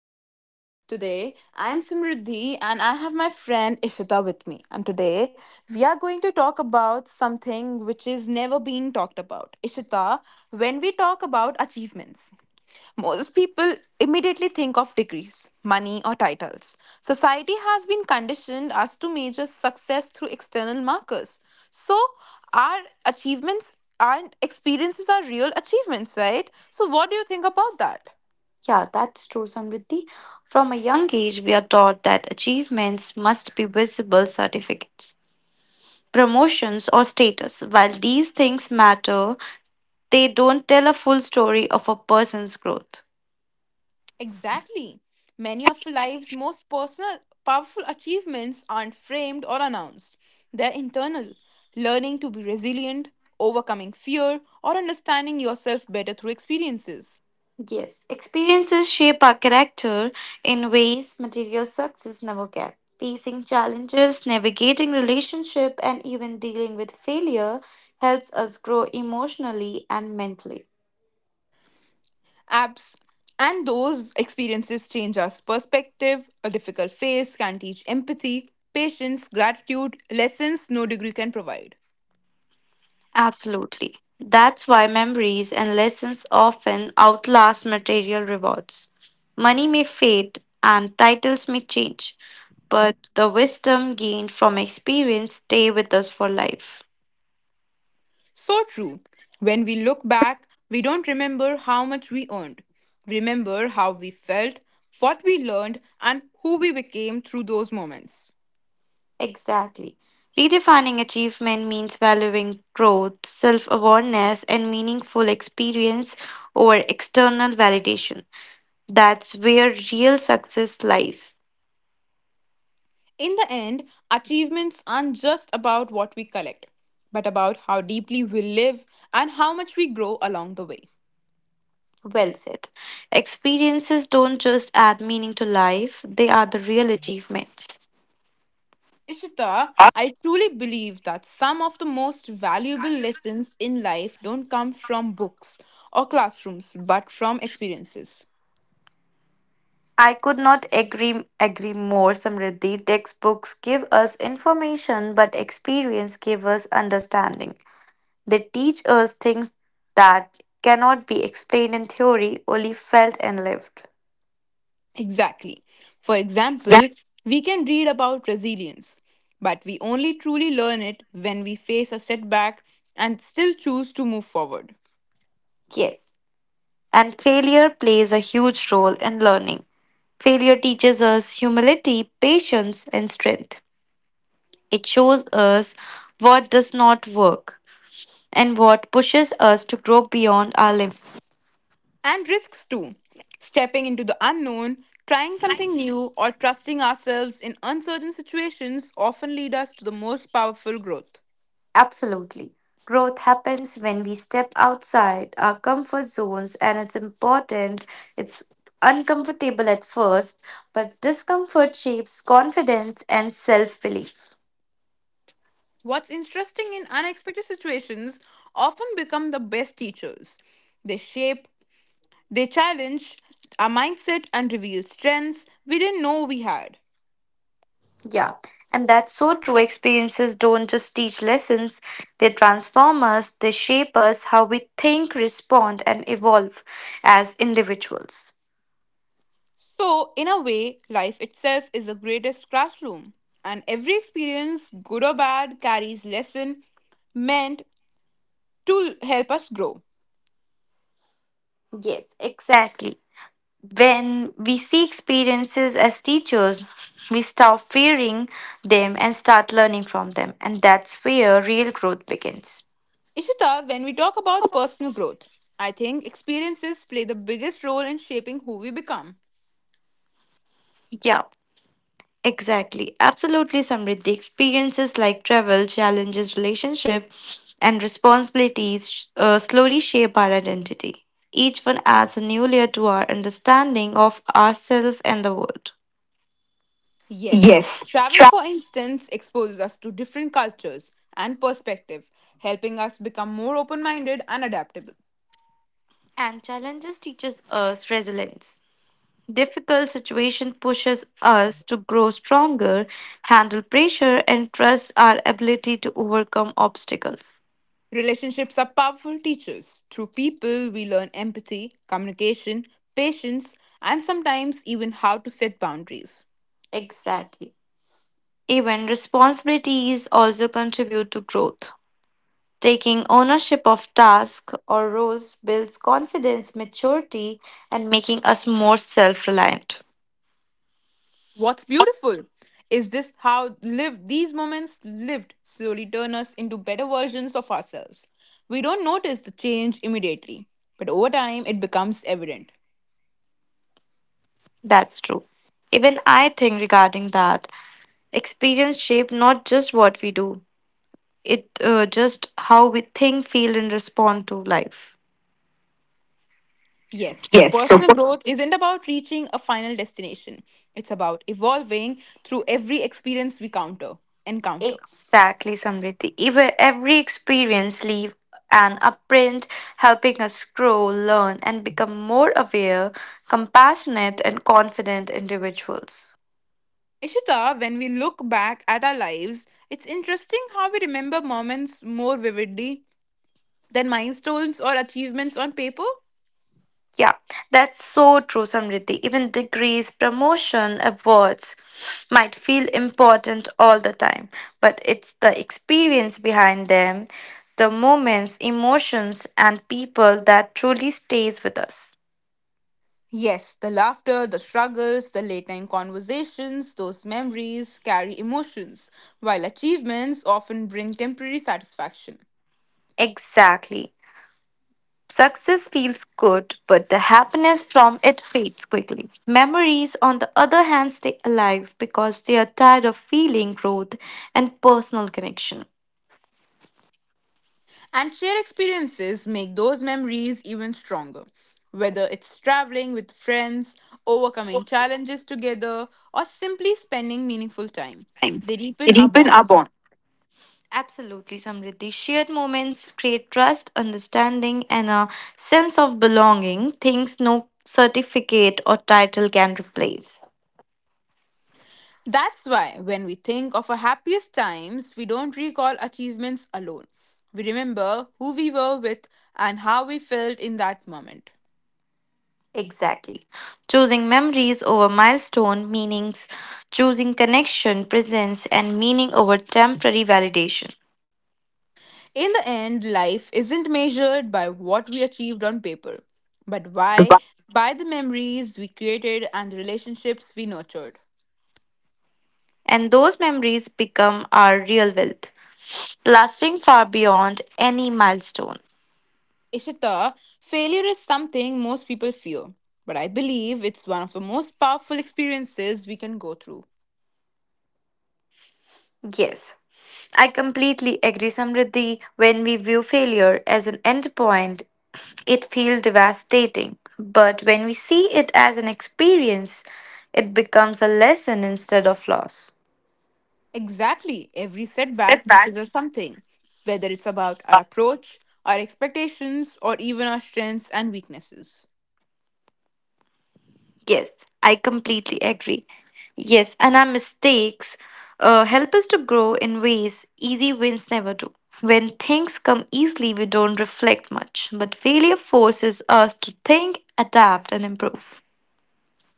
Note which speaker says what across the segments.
Speaker 1: our audience. Today, I am Simriddhi and I have my friend Ishita with me. And today, we are going to talk about something which is never being talked about. Ishita, when we talk about achievements, most people immediately think of degrees, money, or titles. Society has been conditioned as to measure success through external markers. So, our achievements and experiences are real achievements, right? So, what do you think about that?
Speaker 2: Yeah, that's true, Samriddhi. From a young age, we are taught that achievements must be visible certificates, promotions, or status. While these things matter, they don't tell a full story of a person's growth.
Speaker 1: Exactly. Many of life's most personal, powerful achievements aren't framed or announced. They're internal. Learning to be resilient, overcoming fear, or understanding yourself better through experiences.
Speaker 2: Yes, experiences shape our character in ways material success never can. Facing challenges, navigating relationship, and even dealing with failure helps us grow emotionally and mentally.
Speaker 1: Apps and those experiences change our perspective. A difficult phase can teach empathy, patience, gratitude, lessons no degree can provide.
Speaker 2: Absolutely. That's why memories and lessons often outlast material rewards. Money may fade and titles may change, but the wisdom gained from experience stay with us for life.
Speaker 1: So true. When we look back, we don't remember how much we earned. We remember how we felt, what we learned, and who we became through those moments.
Speaker 2: Exactly. Redefining achievement means valuing growth, self awareness, and meaningful experience over external validation. That's where real success lies.
Speaker 1: In the end, achievements aren't just about what we collect, but about how deeply we live and how much we grow along the way.
Speaker 2: Well said. Experiences don't just add meaning to life, they are the real achievements.
Speaker 1: Ishita, I truly believe that some of the most valuable lessons in life don't come from books or classrooms, but from experiences.
Speaker 2: I could not agree more, Samriddhi. Textbooks give us information, but experience give us understanding. They teach us things that cannot be explained in theory, only felt and lived.
Speaker 1: Exactly. For
Speaker 2: Yeah.
Speaker 1: example, we can read about resilience, but we only truly learn it when we face a setback and still choose to move forward.
Speaker 2: Yes. And failure plays a huge role in learning. Failure teaches us humility, patience, and strength. It shows us what does not work and what pushes us to grow beyond our limits.
Speaker 1: And risks too. Stepping into the unknown, trying something new, or trusting ourselves in uncertain situations often lead us to the most powerful growth.
Speaker 2: Absolutely. Growth happens when we step outside our comfort zones, and it's important. It's uncomfortable at first, but discomfort shapes confidence and self belief.
Speaker 1: What's interesting in unexpected situations often become the best teachers. They shape They challenge our mindset and reveal strengths we didn't know we had.
Speaker 2: Yeah, and that's so true. Experiences don't just teach lessons, they transform us, they shape us, how we think, respond, and evolve as individuals.
Speaker 1: So, in a way, life itself is the greatest classroom, and every experience, good or bad, carries lesson meant to help us grow.
Speaker 2: Yes, exactly. When we see experiences as teachers, we stop fearing them and start learning from them. And that's where real growth begins.
Speaker 1: Ishita, when we talk about personal growth, I think experiences play the biggest role in shaping who we become.
Speaker 2: Yeah, exactly. Absolutely, Samriddhi. Experiences like travel, challenges, relationship, and responsibilities slowly shape our identity. Each one adds a new layer to our understanding of ourselves and the world.
Speaker 1: Yes,
Speaker 2: Yes.
Speaker 1: travel, for instance, exposes us to different cultures and perspectives, helping us become more open minded and adaptable.
Speaker 2: And challenges teaches us resilience. Difficult situation pushes us to grow stronger, handle pressure, and trust our ability to overcome obstacles.
Speaker 1: Relationships are powerful teachers. Through people, we learn empathy, communication, patience, and sometimes even how to set boundaries.
Speaker 2: Exactly. Even responsibilities also contribute to growth. Taking ownership of tasks or roles builds confidence, maturity, and making us more self reliant.
Speaker 1: What's beautiful is this how live these moments lived slowly turn us into better versions of ourselves. We don't notice the change immediately, but over time it becomes evident.
Speaker 2: That's true. Even I think regarding that, experience shape not just what we do, it just how we think, feel, and respond to life.
Speaker 1: Yes, so
Speaker 2: Yes.
Speaker 1: personal growth isn't about reaching a final destination. It's about evolving through every experience we counter encounter.
Speaker 2: Exactly, Samriti. Even every experience leave an imprint, helping us grow, learn, and become more aware, compassionate, and confident individuals.
Speaker 1: Ishita, when we look back at our lives, it's interesting how we remember moments more vividly than milestones or achievements on paper.
Speaker 2: Yeah, that's so true, Samriddhi. Even degrees, promotion, awards might feel important all the time, but it's the experience behind them, the moments, emotions, and people that truly stays with us.
Speaker 1: Yes, the laughter, the struggles, the late night conversations, those memories carry emotions, while achievements often bring temporary satisfaction.
Speaker 2: Exactly. Success feels good, but the happiness from it fades quickly. Memories, on the other hand, stay alive because they are tired of feeling growth and personal connection.
Speaker 1: And shared experiences make those memories even stronger. Whether it's traveling with friends, overcoming challenges together, or simply spending meaningful time, they deepen our bonds.
Speaker 2: Absolutely, Samriddhi. Shared moments create trust, understanding, and a sense of belonging, things no certificate or title can replace.
Speaker 1: That's why when we think of our happiest times, we don't recall achievements alone. We remember who we were with and how we felt in that moment.
Speaker 2: Exactly. Choosing memories over milestone meanings, choosing connection, presence, and meaning over temporary validation.
Speaker 1: In the end, life isn't measured by what we achieved on paper, but why? By the memories we created and the relationships we nurtured.
Speaker 2: And those memories become our real wealth, lasting far beyond any milestone.
Speaker 1: Ishita, failure is something most people fear, but I believe it's one of the most powerful experiences we can go through.
Speaker 2: Yes, I completely agree, Samriddhi. When we view failure as an end point, it feels devastating. But when we see it as an experience, it becomes a lesson instead of loss.
Speaker 1: Exactly, every setback teaches
Speaker 2: Setback.
Speaker 1: us something, whether it's about our approach, our expectations, or even our strengths and weaknesses.
Speaker 2: Yes, I completely agree. Yes, and our mistakes help us to grow in ways easy wins never do. When things come easily, we don't reflect much, but failure forces us to think, adapt, and improve.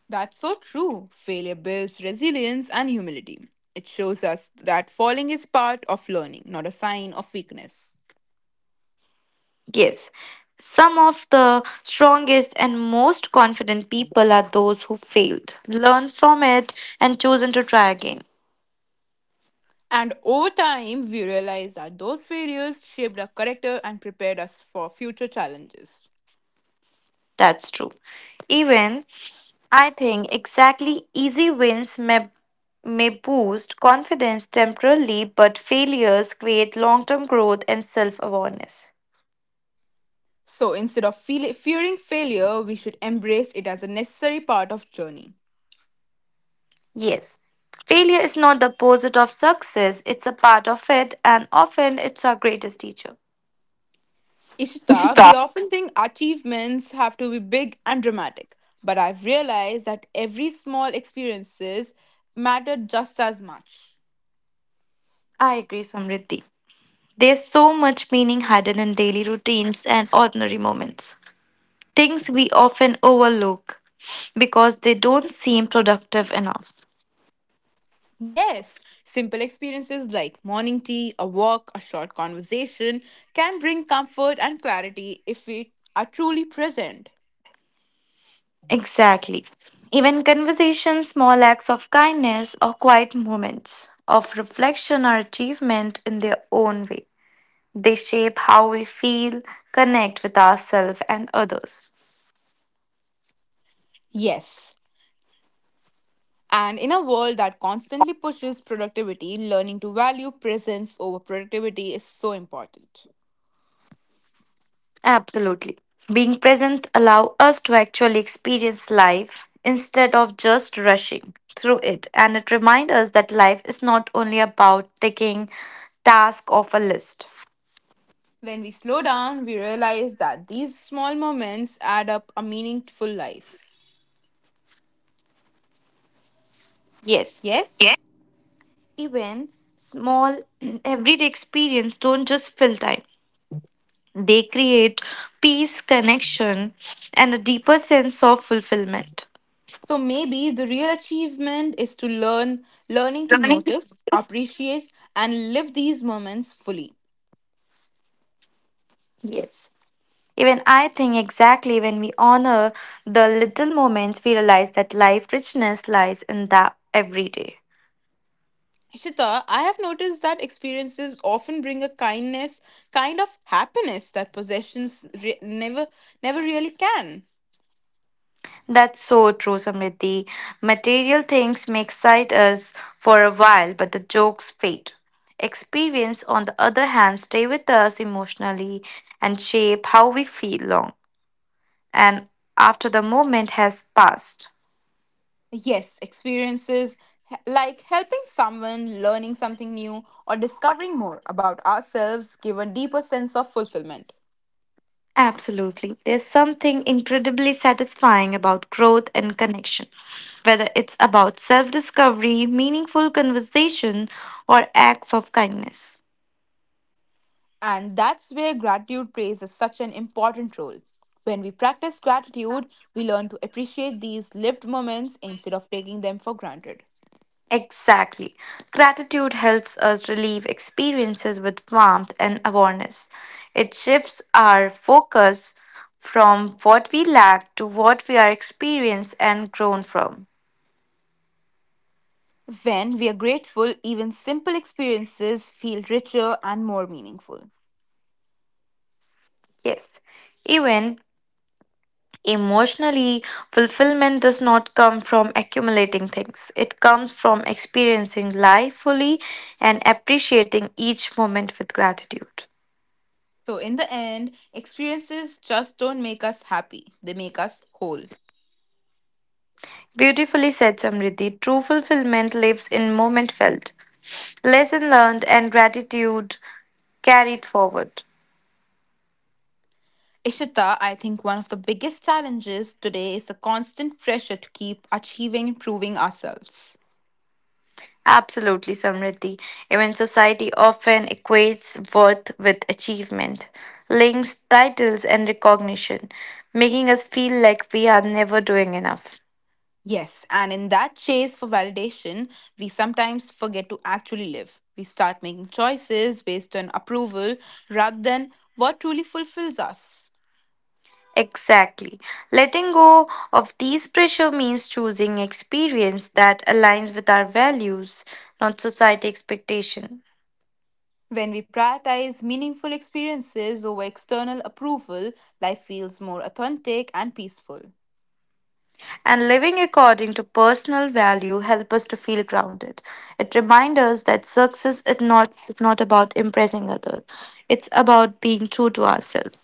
Speaker 1: That's so true. Failure builds resilience and humility. It shows us that falling is part of learning, not a sign of weakness.
Speaker 2: Yes, some of the strongest and most confident people are those who failed, learned from it, and chosen to try again.
Speaker 1: And over time, we realize that those failures shaped our character and prepared us for future challenges.
Speaker 2: That's true. Even I think exactly easy wins may boost confidence temporarily, but failures create long term growth and self awareness.
Speaker 1: So instead of fearing failure, we should embrace it as a necessary part of journey.
Speaker 2: Yes, failure is not the opposite of success, it's a part of it, and often it's our greatest teacher.
Speaker 1: Ishita, we often think achievements have to be big and dramatic, but I've realized that every small experiences matter just as much.
Speaker 2: I agree, Samriddhi. There's so much meaning hidden in daily routines and ordinary moments. Things we often overlook because they don't seem productive enough.
Speaker 1: Yes, simple experiences like morning tea, a walk, a short conversation can bring comfort and clarity if we are truly present.
Speaker 2: Exactly. Even conversations, small acts of kindness, or quiet moments of reflection are achievement in their own way. They shape how we feel, connect with ourselves and others.
Speaker 1: Yes, and in a world that constantly pushes productivity, learning to value presence over productivity is so important.
Speaker 2: Absolutely. Being present allow us to actually experience life instead of just rushing through it, and it reminds us that life is not only about taking task off a list.
Speaker 1: When we slow down, we realize that these small moments add up a meaningful life.
Speaker 2: Yes,
Speaker 1: Yes?
Speaker 2: even small everyday experience don't just fill time. They create peace, connection and a deeper sense of fulfillment.
Speaker 1: So maybe the real achievement is to learning to
Speaker 2: Learning.
Speaker 1: notice, appreciate, and live these moments fully.
Speaker 2: Yes. Even I think exactly when we honor the little moments, we realize that life richness lies in that every day.
Speaker 1: Shita, I have noticed that experiences often bring a kind of happiness that possessions never really can.
Speaker 2: That's so true, Samriddhi. Material things may excite us for a while, but the jokes fade. Experience, on the other hand, stay with us emotionally and shape how we feel long and after the moment has passed.
Speaker 1: Yes, experiences like helping someone, learning something new, or discovering more about ourselves give a deeper sense of fulfillment.
Speaker 2: Absolutely. There's something incredibly satisfying about growth and connection, whether it's about self discovery, meaningful conversation, or acts of kindness.
Speaker 1: And that's where gratitude plays such an important role. When we practice gratitude, we learn to appreciate these lived moments instead of taking them for granted.
Speaker 2: Exactly. Gratitude helps us relieve experiences with warmth and awareness. It shifts our focus from what we lack to what we are experienced and grown from.
Speaker 1: When we are grateful, even simple experiences feel richer and more meaningful.
Speaker 2: Yes. Even emotionally, fulfillment does not come from accumulating things. It comes from experiencing life fully and appreciating each moment with gratitude.
Speaker 1: So, in the end, experiences just don't make us happy, they make us whole.
Speaker 2: Beautifully said, Samriddhi. True fulfillment lives in moment felt, lesson learned, and gratitude carried forward.
Speaker 1: Ishita, I think one of the biggest challenges today is the constant pressure to keep achieving and proving ourselves.
Speaker 2: Absolutely, Samriddhi. Even society often equates worth with achievement, links, titles, and recognition, making us feel like we are never doing enough.
Speaker 1: Yes, and in that chase for validation, we sometimes forget to actually live. We start making choices based on approval rather than what truly fulfills us.
Speaker 2: Exactly. Letting go of these pressure means choosing experience that aligns with our values, not society expectation.
Speaker 1: When we prioritize meaningful experiences over external approval, life feels more authentic and peaceful.
Speaker 2: And living according to personal value help us to feel grounded. It reminds us that success is not about impressing others, it's about being true to ourselves.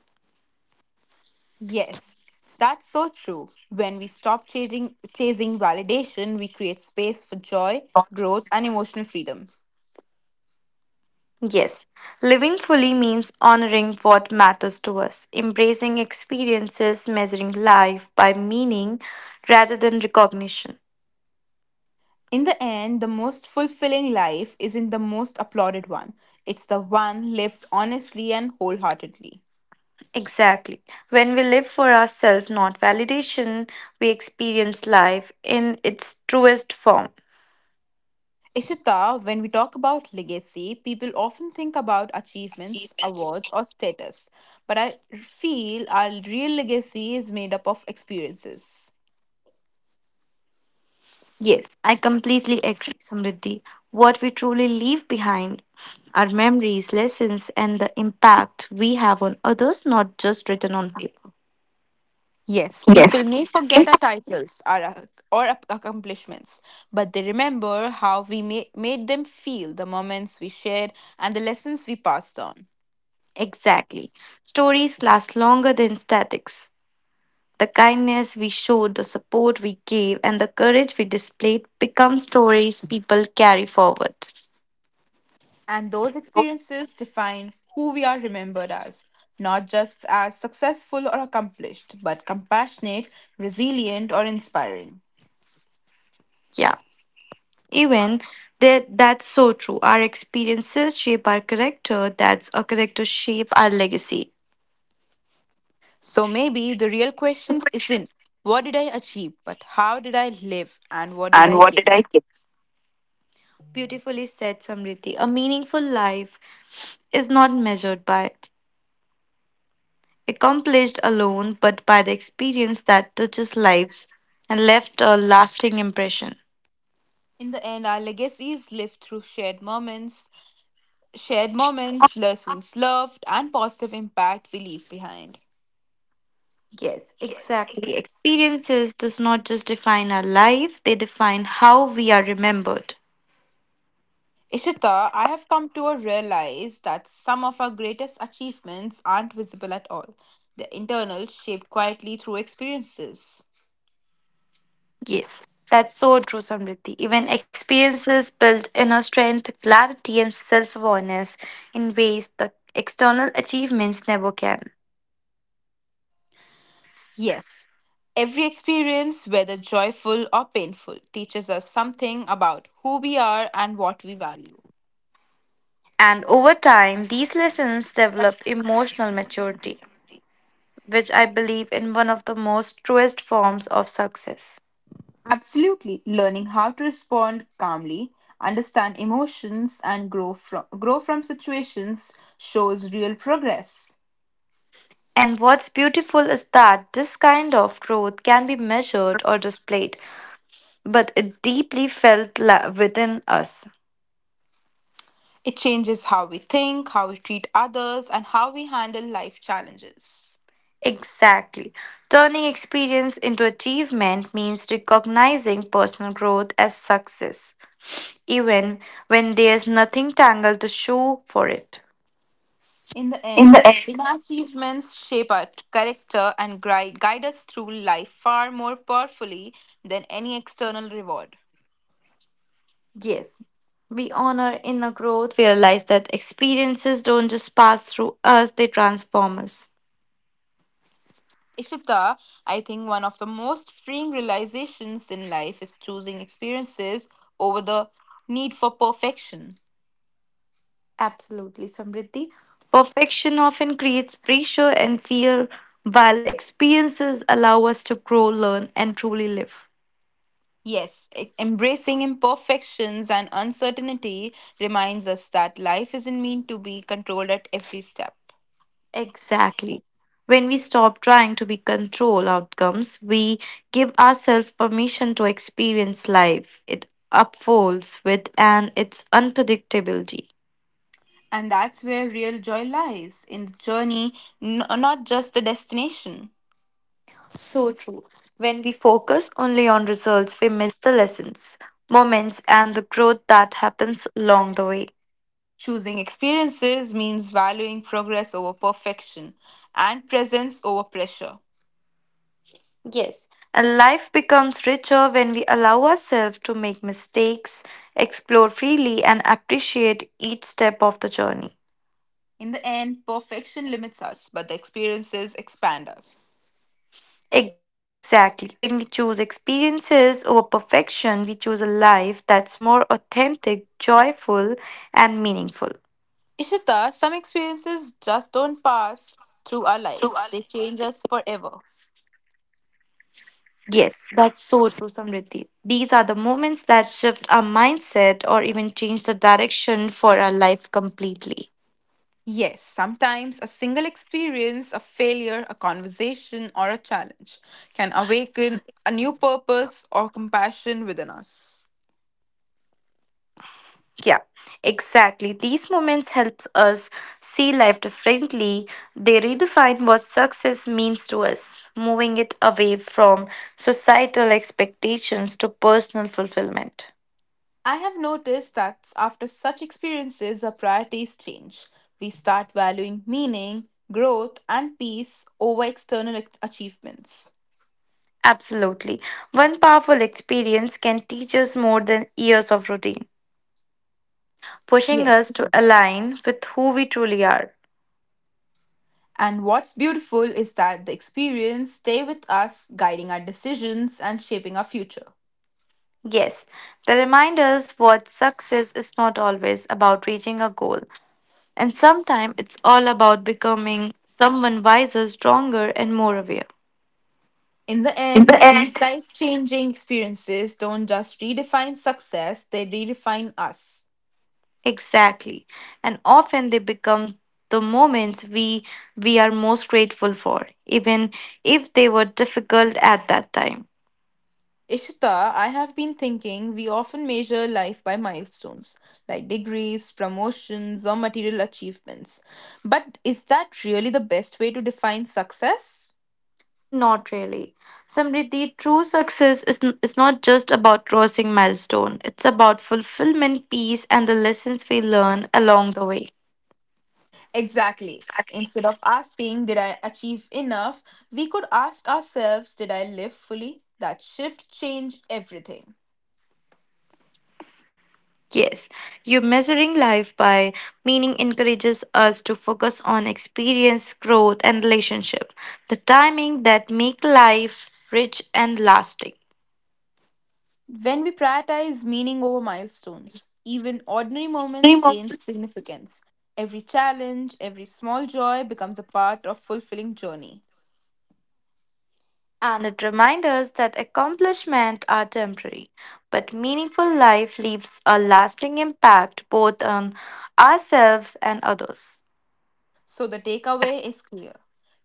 Speaker 1: Yes, that's so true. When we stop chasing validation, we create space for joy, growth, and emotional freedom.
Speaker 2: Yes, living fully means honoring what matters to us, embracing experiences, measuring life by meaning rather than recognition.
Speaker 1: In the end, the most fulfilling life isn't the most applauded one, it's the one lived honestly and wholeheartedly.
Speaker 2: Exactly. When we live for ourselves, not validation, we experience life in its truest form.
Speaker 1: Ishita, when we talk about legacy, people often think about achievements, awards, or status, but I feel our real legacy is made up of experiences.
Speaker 2: Yes, I completely agree, Samriddhi. What we truly leave behind are memories, lessons, and the impact we have on others, not just written on paper.
Speaker 1: Yes,
Speaker 2: Yes.
Speaker 1: people may forget our titles or accomplishments, but they remember how we made them feel, the moments we shared, and the lessons we passed on.
Speaker 2: Exactly. Stories last longer than statics. The kindness we showed, the support we gave, and the courage we displayed become stories people carry forward.
Speaker 1: And those experiences define who we are remembered as, not just as successful or accomplished, but compassionate, resilient, or inspiring.
Speaker 2: Yeah, even that's so true. Our experiences shape our character. That's our character shape our legacy.
Speaker 1: So maybe the real question isn't what did I achieve, but how did I live and what did I give?
Speaker 2: Beautifully said, Samriti. A meaningful life is not measured by accomplished alone, but by the experience that touches lives and left a lasting impression.
Speaker 1: In the end, our legacy is lived through shared moments, lessons loved, and positive impact we leave behind.
Speaker 2: Yes, exactly. Experiences does not just define our life, they define how we are remembered.
Speaker 1: Ishita, I have come to realize that some of our greatest achievements aren't visible at all. They're internal, shaped quietly through experiences.
Speaker 2: Yes. That's so true, Samriti. Even experiences build inner strength, clarity, and self awareness in ways the external achievements never can.
Speaker 1: Yes, every experience, whether joyful or painful, teaches us something about who we are and what we value.
Speaker 2: And over time, these lessons develop emotional maturity, which I believe in one of the most truest forms of success.
Speaker 1: Absolutely, learning how to respond calmly, understand emotions, and grow from situations shows real progress.
Speaker 2: And what's beautiful is that this kind of growth can be measured or displayed, but it deeply felt within us.
Speaker 1: It changes how we think, how we treat others, and how we handle life challenges.
Speaker 2: Exactly. Turning experience into achievement means recognizing personal growth as success, even when there's nothing tangible to show for it.
Speaker 1: In the
Speaker 2: In
Speaker 1: end,
Speaker 2: the end.
Speaker 1: inner achievements shape our character and guide us through life far more powerfully than any external reward.
Speaker 2: Yes, we honor inner growth. We realize that experiences don't just pass through us, they transform us.
Speaker 1: Ishita, I think one of the most freeing realizations in life is choosing experiences over the need for perfection.
Speaker 2: Absolutely, Samriddhi. Perfection often creates pressure and fear, while experiences allow us to grow, learn, and truly live.
Speaker 1: Yes, embracing imperfections and uncertainty reminds us that life isn't meant to be controlled at every step.
Speaker 2: Exactly. When we stop trying to be control outcomes, we give ourselves permission to experience life. It unfolds with and its unpredictability.
Speaker 1: And that's where real joy lies in the journey, not just the destination.
Speaker 2: So true. When we focus only on results, we miss the lessons, moments, and the growth that happens along the way.
Speaker 1: Choosing experiences means valuing progress over perfection and presence over pressure.
Speaker 2: Yes. And life becomes richer when we allow ourselves to make mistakes, explore freely, and appreciate each step of the journey.
Speaker 1: In the end, perfection limits us, but the experiences expand us.
Speaker 2: Exactly. When we choose experiences over perfection, we choose a life that's more authentic, joyful, and meaningful.
Speaker 1: Ishita, some experiences just don't pass through our lives, they change us forever.
Speaker 2: Yes, that's so true, Samriddhi. These are the moments that shift our mindset or even change the direction for our life completely.
Speaker 1: Yes, sometimes a single experience, a failure, a conversation, or a challenge can awaken a new purpose or compassion within us.
Speaker 2: Yeah, exactly. These moments helps us see life differently. They redefine what success means to us, moving it away from societal expectations to personal fulfillment.
Speaker 1: I have noticed that after such experiences, our priorities change. We start valuing meaning, growth, and peace over external achievements.
Speaker 2: Absolutely. One powerful experience can teach us more than years of routine, pushing us
Speaker 1: Yes.
Speaker 2: to align with who we truly are.
Speaker 1: And what's beautiful is that the experience stay with us, guiding our decisions and shaping our future.
Speaker 2: Yes, the reminders what success is not always about reaching a goal, and sometimes it's all about becoming someone wiser, stronger, and more aware.
Speaker 1: In the
Speaker 2: In the
Speaker 1: end,
Speaker 2: end.
Speaker 1: these life changing experiences don't just redefine success, they redefine us.
Speaker 2: Exactly. And often they become the moments we are most grateful for, even if they were difficult at that time.
Speaker 1: Ishita, I have been thinking we often measure life by milestones, like degrees, promotions, or material achievements. But is that really the best way to define success?
Speaker 2: Not really. Samriddhi, true success is not just about crossing milestone. It's about fulfillment, peace, and the lessons we learn along the way.
Speaker 1: Exactly. Instead of asking, did I achieve enough? We could ask ourselves, did I live fully? That shift changed everything.
Speaker 2: Yes, you measuring life by meaning encourages us to focus on experience, growth, and relationship. The timing that make life rich and lasting.
Speaker 1: When we prioritize meaning over milestones, even ordinary moments
Speaker 2: Dream of
Speaker 1: gain significance. Every challenge, every small joy becomes a part of fulfilling journey.
Speaker 2: And it reminds us that accomplishments are temporary, but meaningful life leaves a lasting impact both on ourselves and others.
Speaker 1: So the takeaway is clear.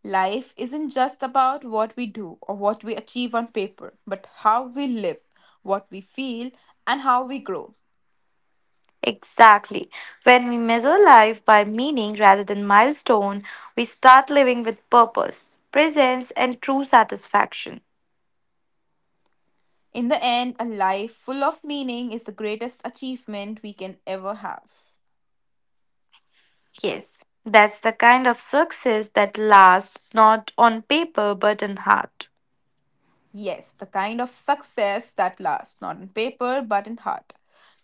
Speaker 1: Life isn't just about what we do or what we achieve on paper, but how we live, what we feel, and how we grow.
Speaker 2: Exactly. When we measure life by meaning rather than milestone, we start living with purpose, presence, and true satisfaction.
Speaker 1: In the end, a life full of meaning is the greatest achievement we can ever have.
Speaker 2: Yes, that's the kind of success that lasts not on paper but in heart.
Speaker 1: Yes, the kind of success that lasts, not on paper, but in heart.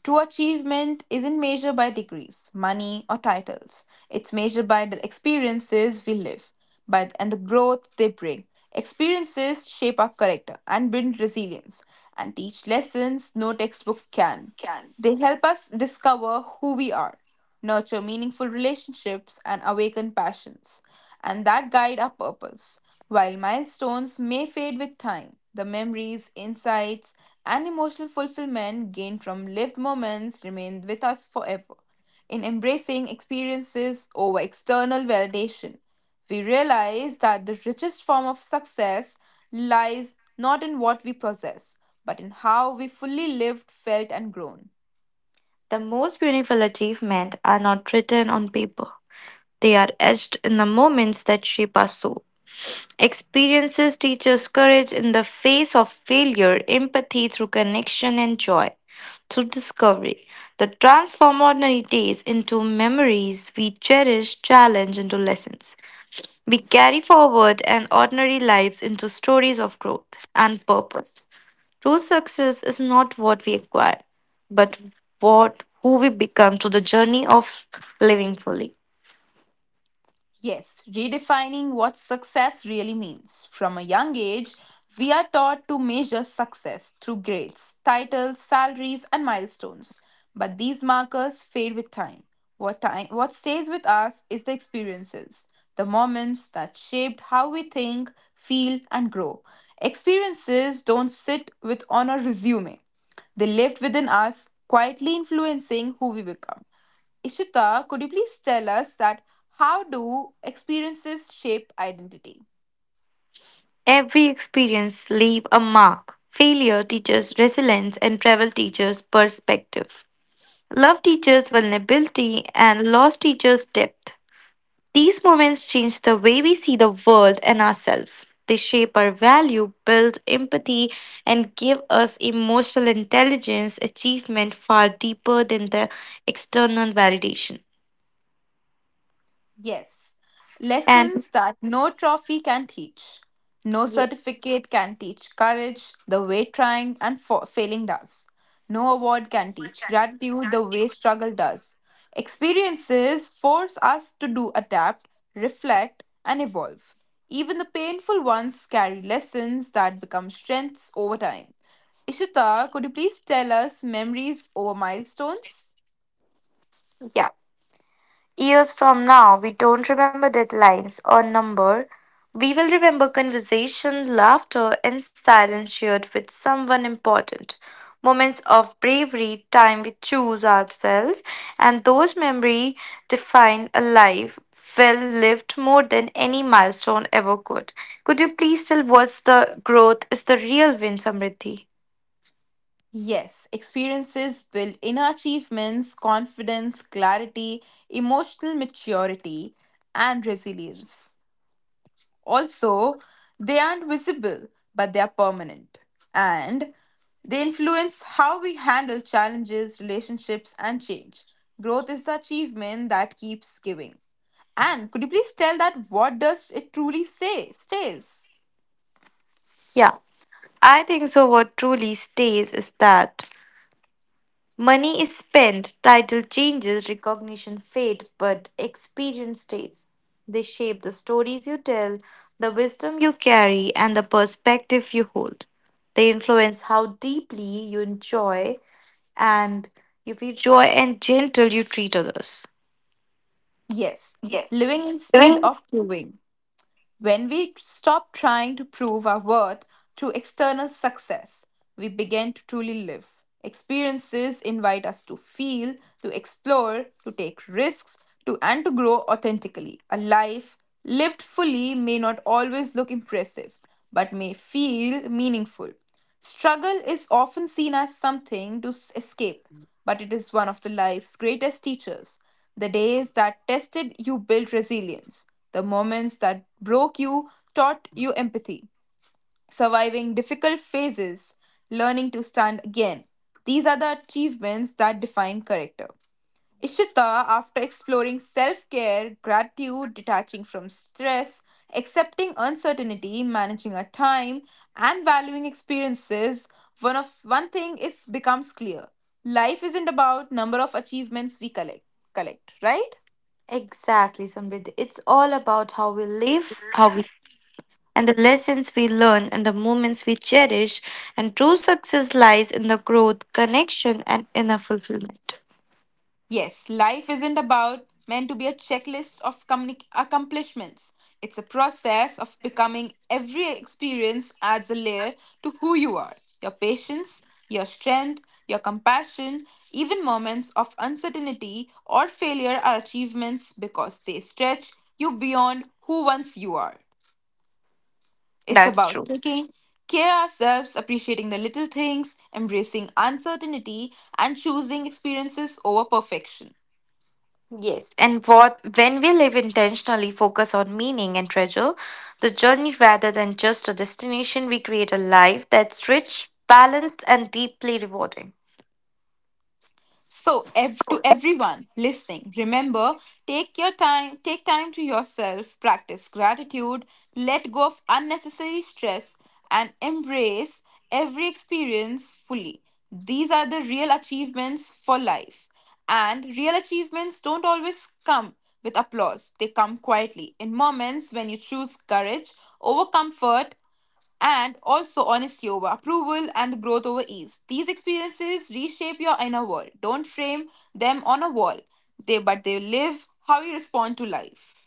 Speaker 1: True achievement isn't measured by degrees, money, or titles. It's measured by the experiences we live by and the growth they bring. Experiences shape our character and build resilience and teach lessons no textbook can. They help us discover who we are, nurture meaningful relationships, and awaken passions, and that guide our purpose. While milestones may fade with time, the memories, insights, and emotional fulfillment gained from lived moments remain with us forever. In embracing experiences over external validation, we realize that the richest form of success lies not in what we possess, but in how we fully lived, felt, and grown.
Speaker 2: The most beautiful achievements are not written on paper. They are etched in the moments that shape our soul. Experiences teach us courage in the face of failure, empathy through connection, and joy through discovery that transform ordinary days into memories we cherish, challenge into lessons. We carry forward and ordinary lives into stories of growth and purpose. True success is not what we acquire, but what who we become through the journey of living fully.
Speaker 1: Yes, redefining what success really means. From a young age, we are taught to measure success through grades, titles, salaries, and milestones. But these markers fade with time. What stays with us is the experiences, the moments that shaped how we think, feel, and grow. Experiences don't sit with on a resume, they lived within us, quietly influencing who we become. Ishita, could you please tell us that how do experiences shape identity?
Speaker 2: Every experience leave a mark. Failure teaches resilience and travel teaches perspective. Love teaches vulnerability and loss teaches depth. These moments change the way we see the world and ourselves. They shape our value, build empathy, and give us emotional intelligence achievement far deeper than the external validation.
Speaker 1: Yes,
Speaker 2: And
Speaker 1: lessons that no trophy can teach, no certificate can teach courage, the way trying and failing does. No award can teach gratitude the way struggle does. Experiences force us to do adapt, reflect, and evolve. Even the painful ones carry lessons that become strengths over time. Ishita, could you please tell us memories over milestones?
Speaker 2: yeah. Years from now, we don't remember deadlines or number. We will remember conversation, laughter, and silence shared with someone important. Moments of bravery, time we choose ourselves, and those memories define a life well lived more than any milestone ever could. Could you please tell what's the growth is the real win, Samriddhi?
Speaker 1: Yes, experiences build inner achievements, confidence, clarity, emotional maturity, and resilience. Also, they aren't visible, but they are permanent. And they influence how we handle challenges, relationships, and change. Growth is the achievement that keeps giving. And could you please tell that what does it truly say stays?
Speaker 2: Yeah, I think so. What truly stays is that money is spent, title changes, recognition fades, but experience stays. They shape the stories you tell, the wisdom you carry, and the perspective you hold. They influence how deeply you enjoy and you feel joy and gentle you treat others.
Speaker 1: Yes,
Speaker 2: Yes.
Speaker 1: living instead
Speaker 2: Doing
Speaker 1: of proving. When we stop trying to prove our worth through external success, we begin to truly live. Experiences invite us to feel, to explore, to take risks, to and to grow authentically. A life lived fully may not always look impressive, but may feel meaningful. Struggle is often seen as something to escape, but it is one of the life's greatest teachers. The days that tested you built resilience. The moments that broke you taught you empathy. Surviving difficult phases, learning to stand again. These are the achievements that define character. Ishita, after exploring self care, gratitude, detaching from stress, accepting uncertainty, managing our time, and valuing experiences, one thing is becomes clear. Life isn't about number of achievements we collect, right?
Speaker 2: Exactly, Samriddhi. It's all about how we live, how we and the lessons we learn and the moments we cherish. And true success lies in the growth, connection, and inner fulfillment.
Speaker 1: Yes, life isn't about meant to be a checklist of accomplishments. It's a process of becoming every experience adds a layer to who you are. Your patience, your strength, your compassion, even moments of uncertainty or failure are achievements because they stretch you beyond who once you are. It's
Speaker 2: That's
Speaker 1: about
Speaker 2: true.
Speaker 1: taking care of ourselves, appreciating the little things, embracing uncertainty, and choosing experiences over perfection.
Speaker 2: Yes, and what when we live intentionally, focus on meaning and treasure the journey rather than just a destination, we create a life that's rich, balanced, and deeply rewarding.
Speaker 1: So, to everyone listening, remember take your time, take time to yourself, practice gratitude, let go of unnecessary stress, and embrace every experience fully. These are the real achievements for life. And real achievements don't always come with applause, they come quietly in moments when you choose courage over comfort and also honesty over approval and growth over ease. These experiences reshape your inner world. Don't frame them on a wall. They live how you respond to life.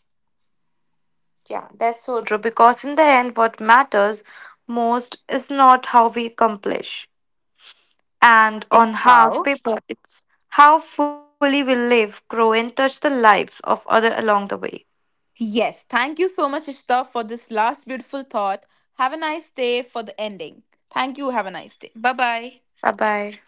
Speaker 2: Yeah, that's so true because in the end, what matters most is not how we accomplish and on
Speaker 1: It's
Speaker 2: half
Speaker 1: how.
Speaker 2: paper, it's how fully we live, grow, and touch the lives of others along the way.
Speaker 1: Yes, thank you so much, Ishta, for this last beautiful thought. Have a nice day for the ending. Thank you. Have a nice day. Bye bye.
Speaker 2: Bye bye.